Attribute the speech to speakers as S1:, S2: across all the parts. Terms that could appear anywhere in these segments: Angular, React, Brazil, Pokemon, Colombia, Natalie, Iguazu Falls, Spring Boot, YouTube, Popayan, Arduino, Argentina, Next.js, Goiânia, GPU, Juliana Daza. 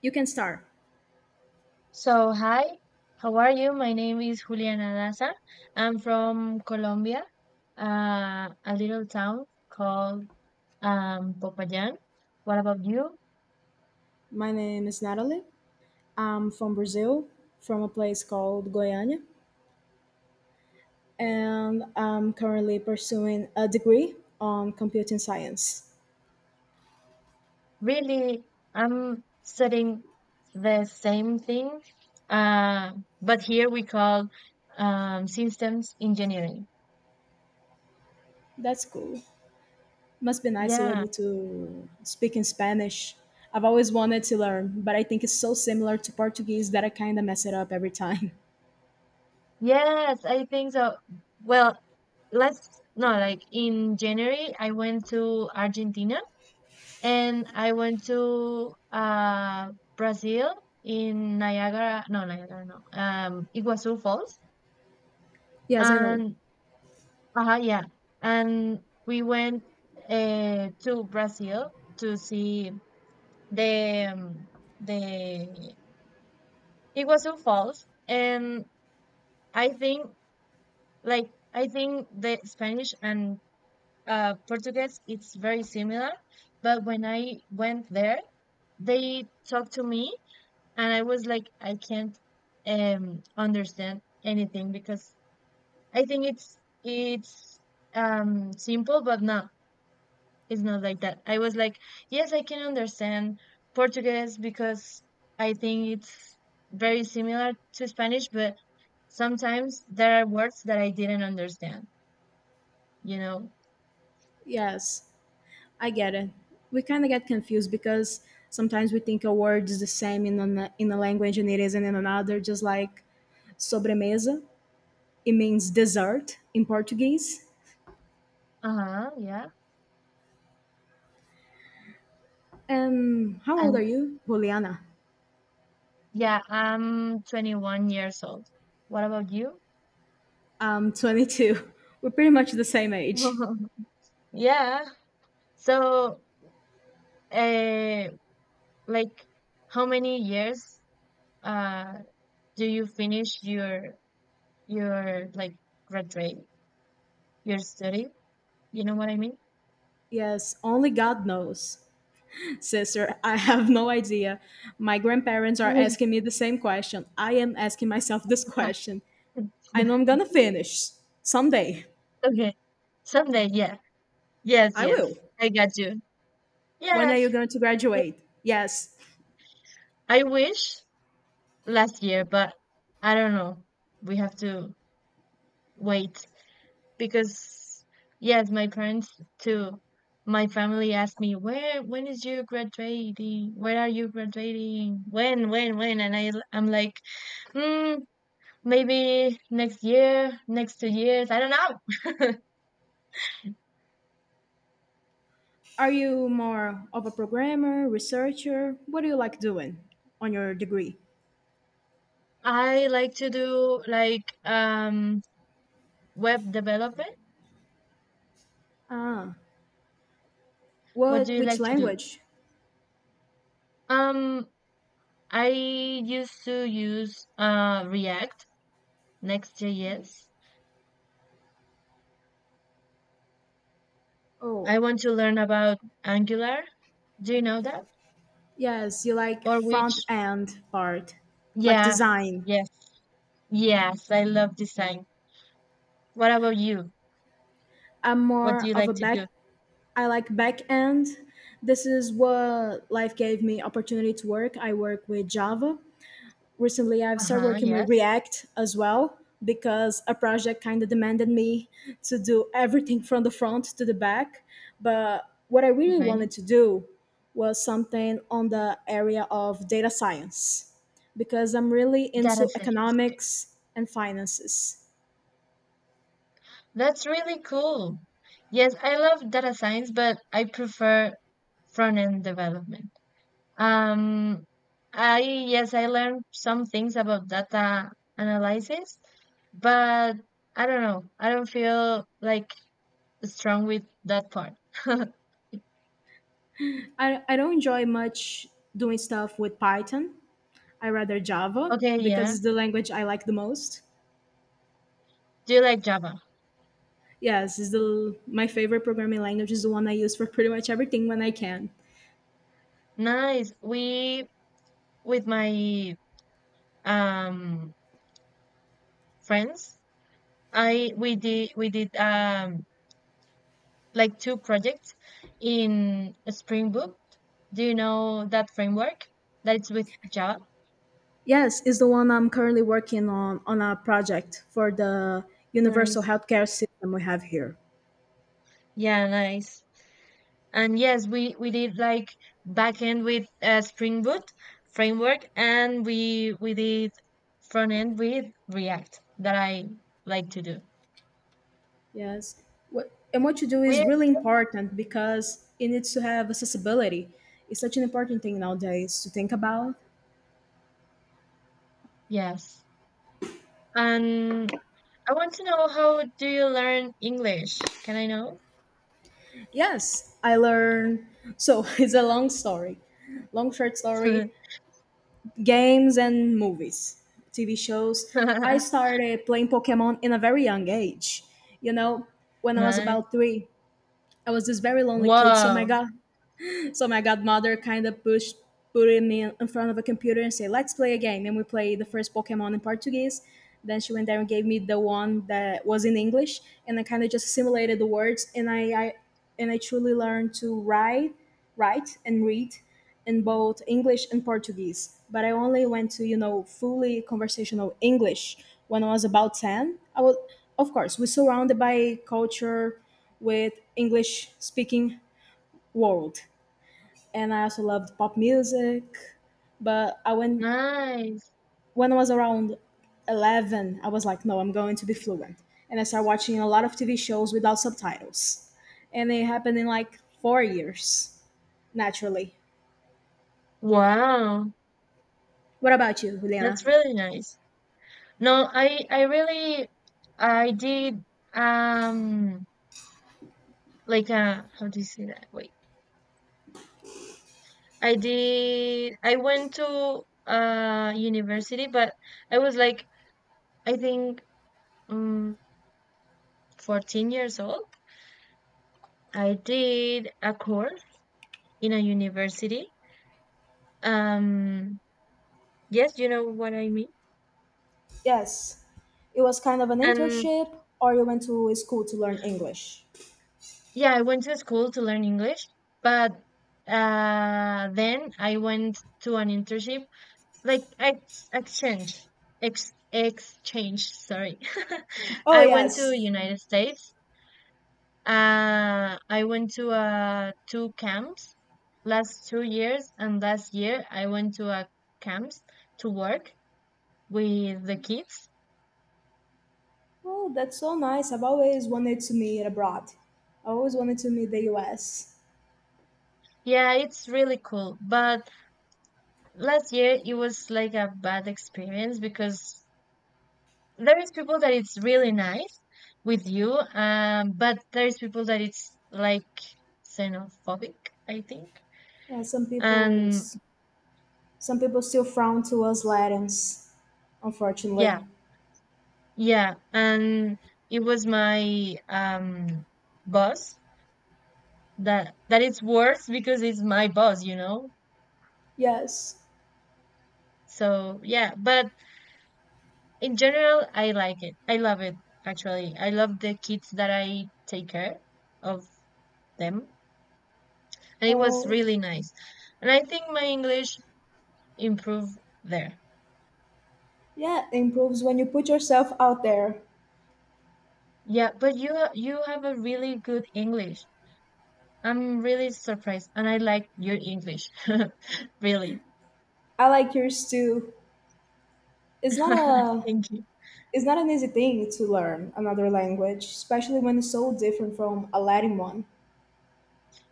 S1: You can start.
S2: So, hi, how are you? My name is Juliana Daza. I'm from Colombia, a little town called Popayan. What about you?
S1: My name is Natalie. I'm from Brazil, from a place called Goiânia,
S2: Mm,
S1: and I'm currently pursuing a degree on computing science.
S2: really, I'm studying the same thing, uh, but here we call systems engineering.
S1: That's cool. Must be nice you're
S2: Yeah,
S1: able to speak in Spanish. I've always wanted to learn, but I think it's so similar to Portuguese that I kind of mess it up every time.
S2: yes, I think so. Well, let's no, like in January, I went to Argentina. And I went to Brazil. In Niagara, no, Iguazu Falls.
S1: Yes, I know.
S2: And, yeah. And we went to Brazil to see the, um, the Iguazu Falls. And I think, like, I think the Spanish and Portuguese, it's very similar. But when I went there, they talked to me and I was like, I can't understand anything because I think it's simple, but no, it's not like that. I was like, yes, I can understand Portuguese because I think it's very similar to Spanish, but sometimes there are words that I didn't understand, you know?
S1: Yes, I get it. We kind of get confused because sometimes we think a word is the same in, in a language and it isn't in another, just like sobremesa. It means dessert in Portuguese.
S2: Uh-huh, yeah.
S1: And how old
S2: And
S1: are you, Juliana?
S2: yeah, I'm 21 years old. What about you?
S1: I'm 22. We're pretty much the same age.
S2: Yeah. So, uh, Like how many years uh do you finish your your like graduate your study? You know what I mean?
S1: Yes, only God knows. Sister, I have no idea. My grandparents are asking me the same question. I am asking myself this question. I know I'm gonna finish someday.
S2: Okay. Someday, yeah. Yes,
S1: I will.
S2: yes, I got you.
S1: When are you
S2: Yes.
S1: going to graduate? Yes.
S2: I wish last year, but I don't know. We have to wait, because yes, my parents too. My family asked me, "Where? When is you graduating? Where are you graduating? When? When? When?" And I'm like, hmm, maybe next year, next 2 years. I don't know.
S1: Are you more of a programmer, researcher? What do you like doing on your degree?
S2: I like to do like web development.
S1: Ah,
S2: What do
S1: what?
S2: you
S1: Which
S2: like to do?
S1: language?
S2: Um, I used to use React, Next.js.
S1: Oh,
S2: I want to learn about Angular. Do you know that?
S1: yes, you like
S2: Or
S1: front
S2: which
S1: end part, like
S2: Yeah,
S1: design.
S2: yes, yes, I love design. What about you?
S1: I'm
S2: What do
S1: more
S2: you
S1: of
S2: like
S1: a
S2: to do?
S1: back. I like back end. This is what life gave me opportunity to work. I work with Java, recently I've started
S2: Uh-huh,
S1: working with
S2: yes,
S1: React as well because a project kind of demanded me to do everything from the front to the back. But what I really wanted
S2: okay.
S1: to do was something on the area of data science because I'm really
S2: Data
S1: into
S2: science. Okay,
S1: economics and finances.
S2: that's really cool. Yes, I love data science, but I prefer front-end development. Um, I yes, I learned some things about data analysis, but I don't know. I don't feel like strong with that part.
S1: I don't enjoy much doing stuff with Python. I rather Java
S2: Okay,
S1: because
S2: yeah.
S1: it's the language I like the most.
S2: Do you like Java?
S1: Yes, is the my favorite programming language is the one I use for pretty much everything when I can.
S2: Nice. We with my um friends. I we did like two projects in Spring Boot. Do you know that framework? That's with Java.
S1: Yes, is the one I'm currently working on a project for the universal
S2: Nice.
S1: healthcare system we have here.
S2: Yeah, nice. And yes, we did like backend with Spring Boot framework, and we did front end with React that I like to do.
S1: Yes. And what you do is
S2: We
S1: really important because it needs to have accessibility. It's such an important thing nowadays to think about.
S2: Yes. And I want to know how do you learn English? Can I know?
S1: Yes, I learned. So it's a long story, long short story. Games and movies, TV shows. I started playing Pokemon in a very young age. You know, when I was
S2: Nice.
S1: about three, I was this very lonely kid. So my
S2: Wow.
S1: god, so my godmother kind of pushed put him in, front of a computer and say, "Let's play a game." And we played the first Pokemon in Portuguese. Then she went there and gave me the one that was in English, and I, kind of just assimilated the words, and I truly learned to write and read in both English and Portuguese. But I only went to fully conversational English when I was about 10. Of course, we're surrounded by culture with English speaking world, and I also loved pop music. But I went
S2: Nice.
S1: when I was around 11, I was like, no, I'm going to be fluent, and I started watching a lot of TV shows without subtitles, and it happened in like 4 years naturally.
S2: Wow.
S1: What about you,
S2: That's
S1: Juliana?
S2: really nice. No, I really I did um like how do you say that? Wait. I went to university but I was like I think um 14 years old. I did a course in a university. Um Yes, you know what I mean.
S1: Yes, it was kind of an
S2: And
S1: internship, or you went to school to learn English.
S2: yeah, I went to school to learn English, but then I went to an internship, like ex exchange, sorry.
S1: Oh
S2: I went to
S1: yes.
S2: United States. I went to two camps last 2 years, and last year I went to a camps to work with the kids.
S1: Oh, that's so nice. I've always wanted to meet abroad. I always wanted to meet the U.S.
S2: Yeah, it's really cool, but last year it was like a bad experience because there is people that it's really nice with you but there is people that it's like xenophobic, I think.
S1: Uh, some people
S2: And
S1: Some people still frown towards Latins,
S2: Yeah,
S1: unfortunately.
S2: yeah. And it was my boss that it's worse because it's my boss, you know.
S1: Yes.
S2: So yeah, but in general I like it, I love it. Actually, I love the kids that I take care of them, and it was
S1: Oh,
S2: really nice. And I think my English improved there.
S1: yeah, it improves when you put yourself out there.
S2: Yeah, but you you have a really good English. I'm really surprised, and I like your English, really.
S1: I like yours too. It's not a
S2: Thank you.
S1: it's not an easy thing to learn another language, especially when it's so different from a Latin one.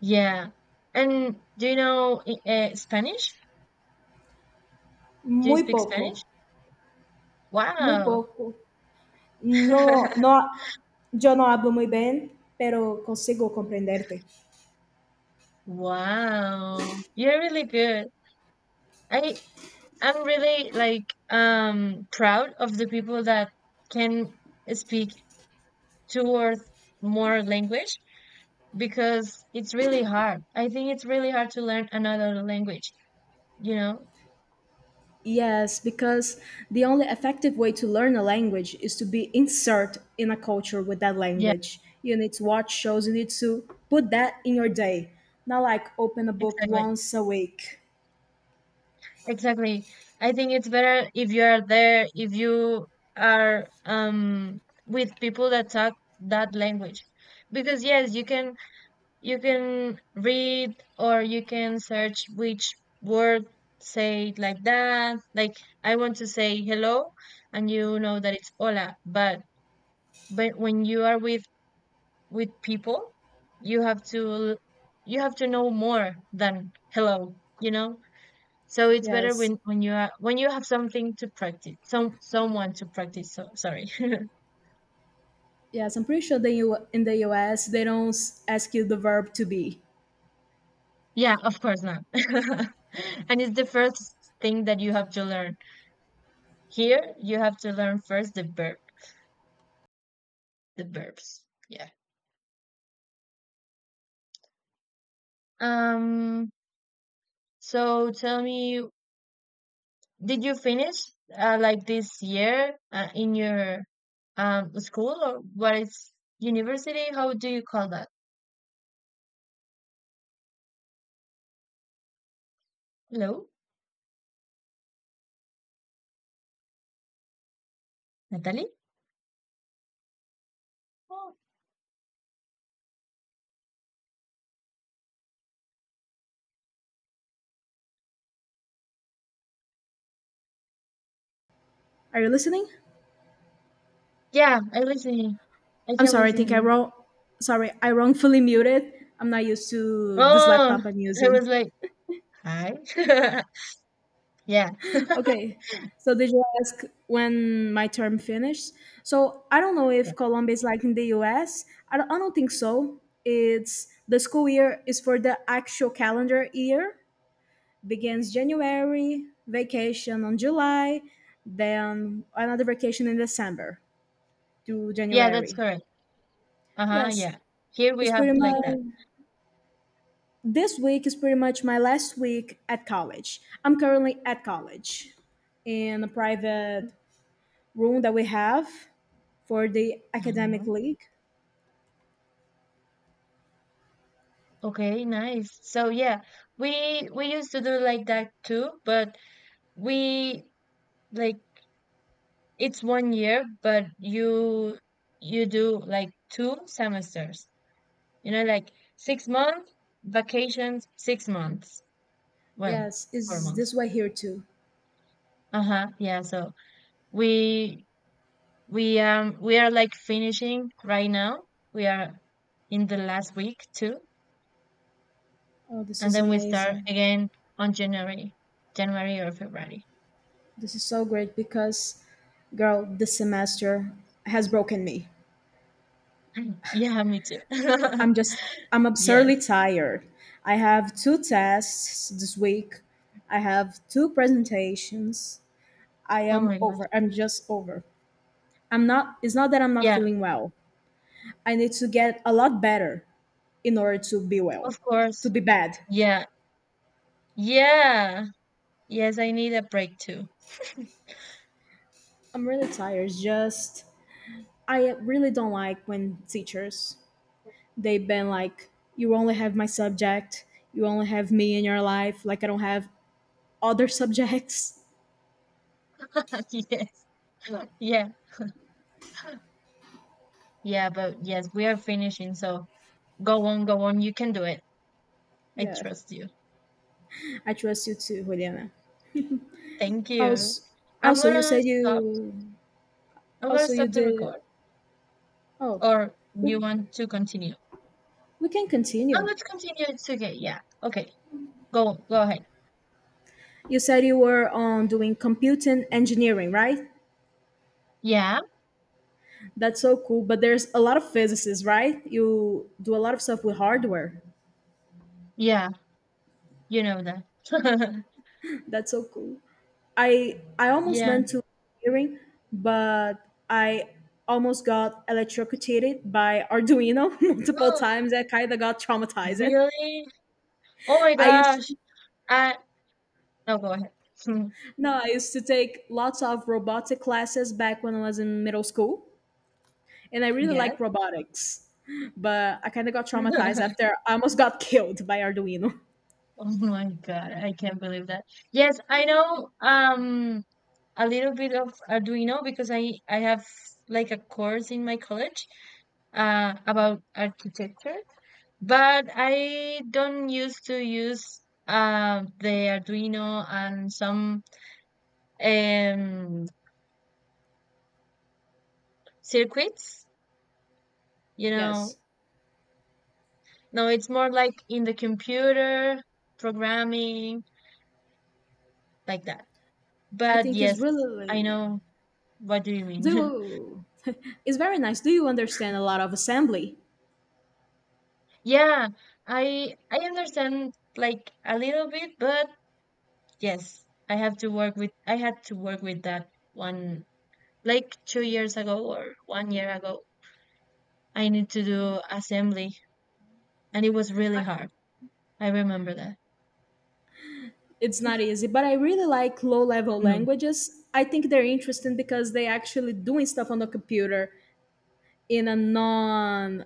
S2: Yeah, and do you know Spanish? Do you
S1: Muy
S2: speak
S1: poco,
S2: Spanish?
S1: muy
S2: Wow.
S1: poco. No, no, yo no hablo muy bien, pero consigo comprenderte.
S2: Wow, you're really good. I I'm really like proud of the people that can speak towards more language because it's really hard. I think it's really hard to learn another language, you know?
S1: Yes, because the only effective way to learn a language is to be insert in a culture with that
S2: Yeah,
S1: language. You need to watch shows, you need to put that in your day. Not like open a book
S2: exactly.
S1: once a week.
S2: Exactly. I think it's better if you are there, if you are with people that talk that language. Because yes, you can read or you can search which word, say it like that. Like I want to say hello and you know that it's hola, but when you are with people, you have to you have to know more than hello, you know? So it's better
S1: Yes.
S2: when you are when you have something to practice, someone to practice. So sorry.
S1: Yes, I'm pretty sure in the US they don't ask you the verb to be.
S2: Yeah, of course not. And it's the first thing that you have to learn. Here, you have to learn first the verb, the verbs. Yeah. Um, so tell me, did you finish like this year in your school or what is university? How do you call that? Hello, Natalie? Oh,
S1: Are you listening?
S2: yeah, I listen. I
S1: I'm
S2: can
S1: sorry, I
S2: listen
S1: think I
S2: you.
S1: wrong sorry, I wrongfully muted. I'm not used to this
S2: Oh,
S1: laptop I'm
S2: I
S1: using.
S2: was like, hi. yeah,
S1: Okay. So did you ask when my term finished? So I don't know
S2: yeah,
S1: if Colombia is like in the US. Don't, I don't think so. It's the school year is for the actual calendar year. Begins January, vacation on July, then another vacation in December to
S2: yeah, that's
S1: January.
S2: correct. Uh huh. Yeah,
S1: Yes,
S2: here we
S1: it's pretty
S2: have like that.
S1: much this week is pretty much my last week at college. I'm currently at college in a private room that we have for the academic
S2: Uh-huh.
S1: league.
S2: Okay, nice. So yeah, we used to do like that too, but we like it's one year, but you do like two semesters. You know, like 6 months vacations, 6 months. Well,
S1: Yes,
S2: four
S1: is this
S2: months.
S1: way here too?
S2: Uh-huh. Yeah. So we we are like finishing right now. We are in the last week too,
S1: Oh, this
S2: and
S1: is
S2: then we start
S1: amazing.
S2: again on January, January or February.
S1: This is so great because, girl, this semester has broken me.
S2: Yeah, me too.
S1: I'm just, I'm
S2: Yes.
S1: absurdly tired. I have two tests this week, I have two presentations. I
S2: Oh
S1: am
S2: my gosh.
S1: over. I'm just over. I'm not, it's not that I'm not
S2: Yeah,
S1: feeling well. I need to get a lot better in order to be well,
S2: of
S1: to
S2: course.
S1: be bad.
S2: Yeah. Yeah. Yes, I need a break too.
S1: I'm really tired. Just I really don't like when teachers they've been like, "You only have my subject. You only have me in your life. Like I don't have other subjects."
S2: Yes. Yeah. Yeah, but yes, we are finishing. So go on, go on. You can do it. I
S1: Yeah,
S2: trust you.
S1: I trust you too, Juliana.
S2: Thank you.
S1: Also,
S2: I'm
S1: also, you
S2: gonna
S1: said
S2: stop.
S1: you
S2: I'm gonna
S1: also you
S2: stop the
S1: did.
S2: record.
S1: Oh,
S2: Or you
S1: we
S2: want to continue?
S1: we can
S2: No,
S1: continue.
S2: let's continue. It's okay. Yeah. Okay. Go go ahead.
S1: You said you were on doing computing engineering, right?
S2: Yeah.
S1: That's so cool. But there's a lot of physicists, right? You do a lot of stuff with hardware.
S2: Yeah. You know that.
S1: That's so cool. I almost
S2: Yeah.
S1: went to hearing, but I almost got electrocuted by Arduino multiple
S2: Oh,
S1: times. I kind of got traumatized.
S2: really? Oh my
S1: I
S2: gosh.
S1: used
S2: I No, go ahead.
S1: no, I used to take lots of robotic classes back when I was in middle school, and I really
S2: Yes.
S1: like robotics. But I kind of got traumatized after I almost got killed by Arduino.
S2: Oh my God, I can't believe that. Yes, I know a little bit of Arduino because I have like a course in my college about architecture, but I don't used to use the Arduino and some um circuits, you know.
S1: Yes,
S2: No, it's more like in the computer programming like that.
S1: I
S2: But
S1: think it's
S2: yes, I
S1: really
S2: know what do you mean.
S1: do. It's very nice. Do you understand a lot of assembly?
S2: Yeah, I understand like a little bit, but yes, I had to work with that one like 2 years ago or one year ago. I need to do assembly and it was really hard. I remember that.
S1: It's not easy, but I really like low level
S2: No.
S1: languages. I think they're interesting because they actually doing stuff on the computer in a non,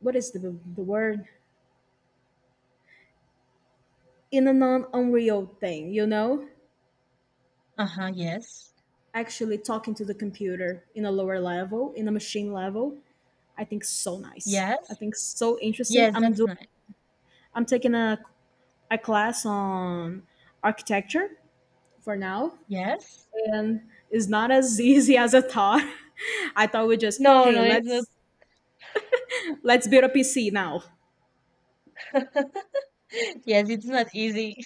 S1: what is the word, in a non unreal thing.
S2: Uh-huh, yes.
S1: Actually talking to the computer in a lower level, in a machine level. I think so nice, I
S2: Yes.
S1: think so interesting.
S2: Yes, that's nice.
S1: I'm taking a, class on architecture for now,
S2: Yes.
S1: and it's not as easy as I thought. I thought we just,
S2: No,
S1: hey,
S2: no, it's not.
S1: let's build a PC now.
S2: Yes, it's not easy.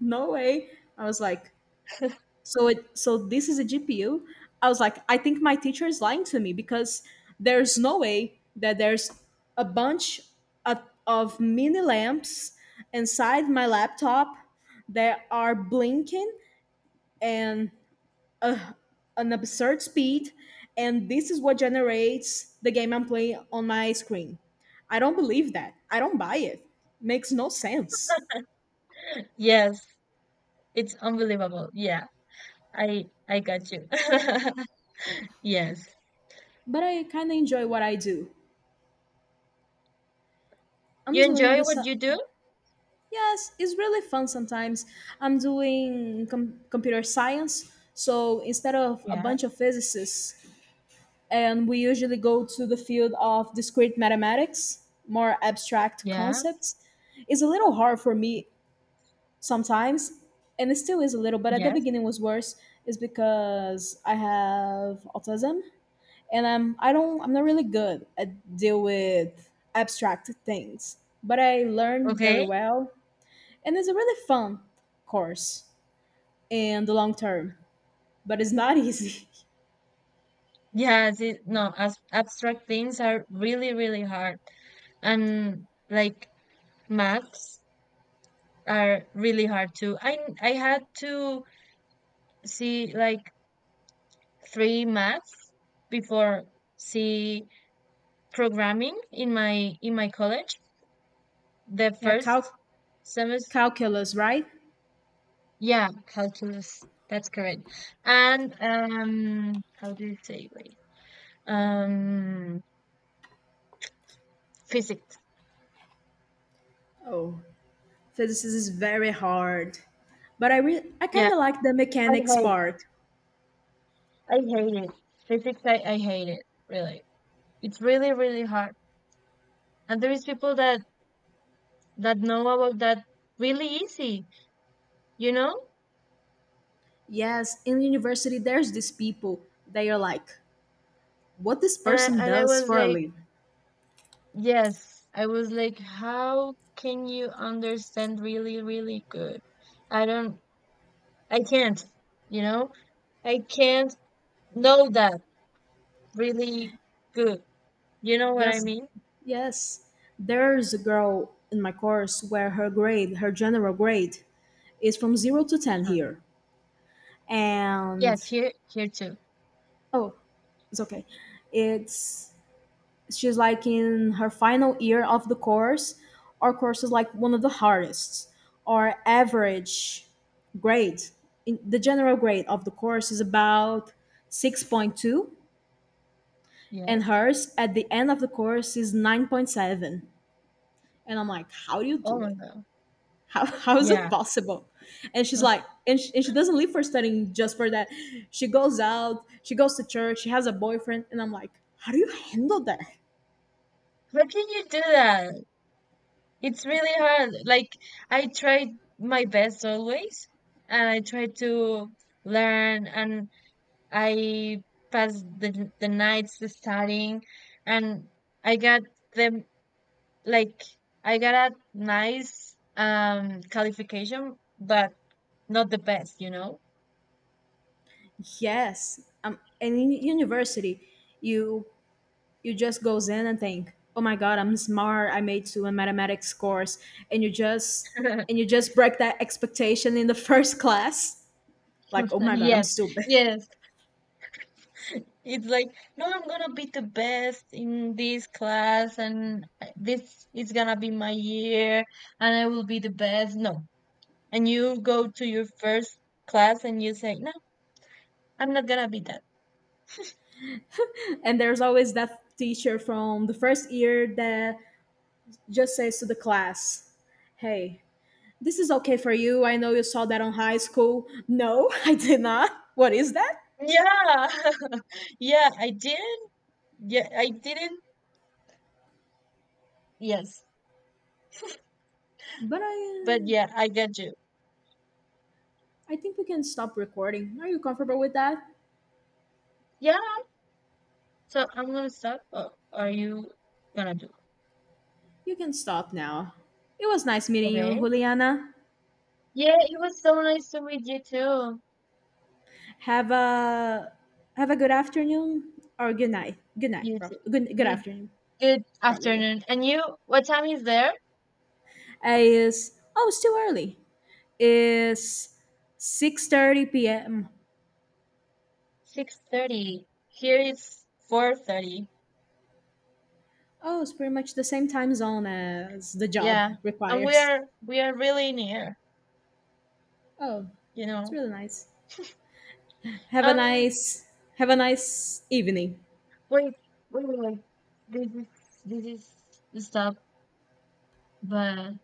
S1: No way. I was like, so it so this is a GPU. I was like, I think my teacher is lying to me because there's no way that there's a bunch of mini lamps inside my laptop that are blinking and an absurd speed, and this is what generates the game I'm playing on my screen. I don't believe that. I don't buy it. Makes no sense.
S2: Yes, it's unbelievable. Yeah. I got you. Yes.
S1: But I kind of enjoy what I do. I'm
S2: You
S1: doing
S2: enjoy
S1: the
S2: what
S1: su-
S2: you do?
S1: yes, it's really fun sometimes. Computer science, so instead of a
S2: Yeah,
S1: bunch of physicists, and we usually go to the field of discrete mathematics, more abstract
S2: yeah,
S1: concepts. It's a little hard for me sometimes, and it still is a little. But at the
S2: yes.
S1: beginning was worse, is because I have autism, and I'm I don't I'm not really good at deal with abstract things. But I learn very
S2: Okay.
S1: well. And it's a really fun course in the long term, but it's not easy.
S2: Yeah, the, no, as abstract things are really, really hard. And like maths are really hard too. I had to see like three maths before see programming in my college. The
S1: Yeah,
S2: first semester,
S1: calculus, right?
S2: yeah, calculus. That's correct. And how do you say wait? Um Physics.
S1: Oh, physics is very hard. But I
S2: Yeah,
S1: kind of like the
S2: I
S1: mechanics
S2: hate,
S1: part.
S2: I hate it. Physics, I hate it. Really, it's really, really hard. And there is people that know about that really easy, you know.
S1: Yes, in university there's these people they are like, what this
S2: And
S1: person
S2: I and I
S1: does
S2: was
S1: for a
S2: like,
S1: living.
S2: yes, I was like, how can you understand really, really good? I don't, I can't, you know, I can't know that really good. You know what I
S1: Yes,
S2: mean?
S1: yes. There's a girl in my course where her grade, her general grade, is from 0 to 10
S2: Huh.
S1: here,
S2: Yes,
S1: and
S2: here, here too.
S1: oh, it's okay. It's She's like in her final year of the course. Our course is like one of the hardest. Our average grade, in the general grade of the course is about 6.2, and
S2: Yes.
S1: hers at the end of the course is 9.7. And I'm like, how do you
S2: Oh
S1: do
S2: my
S1: it?
S2: God.
S1: How, how is it
S2: Yeah.
S1: possible, and she's
S2: How
S1: like, and she doesn't leave for studying just for that. She goes out, she goes to church, she has a boyfriend, and I'm like, how do you handle that?
S2: can you do that? It's really hard. Like I tried my best always, and I tried to learn, and I passed the nights studying, and I got them like I got a nice qualification, but not the best, you know.
S1: Yes, and in university you you just goes in and think, oh my god, I'm smart, I made two in mathematics course, and you just and you just break that expectation in the first class, like oh my god I'm
S2: Yes,
S1: stupid.
S2: yes. It's like, no, I'm gonna be the best in this class, and this is gonna be my year, and I will be the best. No, and you go to your first class and you say, "No, I'm not gonna be that."
S1: And there's always that teacher from the first year that just says to the class, "Hey, this is okay for you. I know you saw that on high school." No, I did not. What is that?
S2: Yeah, yeah, I didn't. Yeah, I didn't. Yes,
S1: But I,
S2: but
S1: uh,
S2: yeah, I get you.
S1: I think we can stop recording. Are you comfortable with that?
S2: Yeah, so I'm gonna stop. Oh, are you gonna do?
S1: You can stop now. It was nice meeting you,
S2: Okay.
S1: Juliana.
S2: Yeah, it was so nice to meet you too.
S1: Have a have a good afternoon or good night. Good night.
S2: You
S1: Pro-
S2: too.
S1: good good
S2: You
S1: afternoon,
S2: good
S1: probably.
S2: afternoon. And you, what time is there?
S1: Is Oh, it's too early. It's 6:30 p.m.
S2: 6:30. Here it's 4:30.
S1: Oh, it's pretty much the same time zone as the job
S2: Yeah. And we
S1: requires.
S2: are we are really near,
S1: Oh,
S2: you
S1: it's
S2: know.
S1: really nice. Have a
S2: Um
S1: nice have a nice evening.
S2: Wait, wait. This is this is stop, but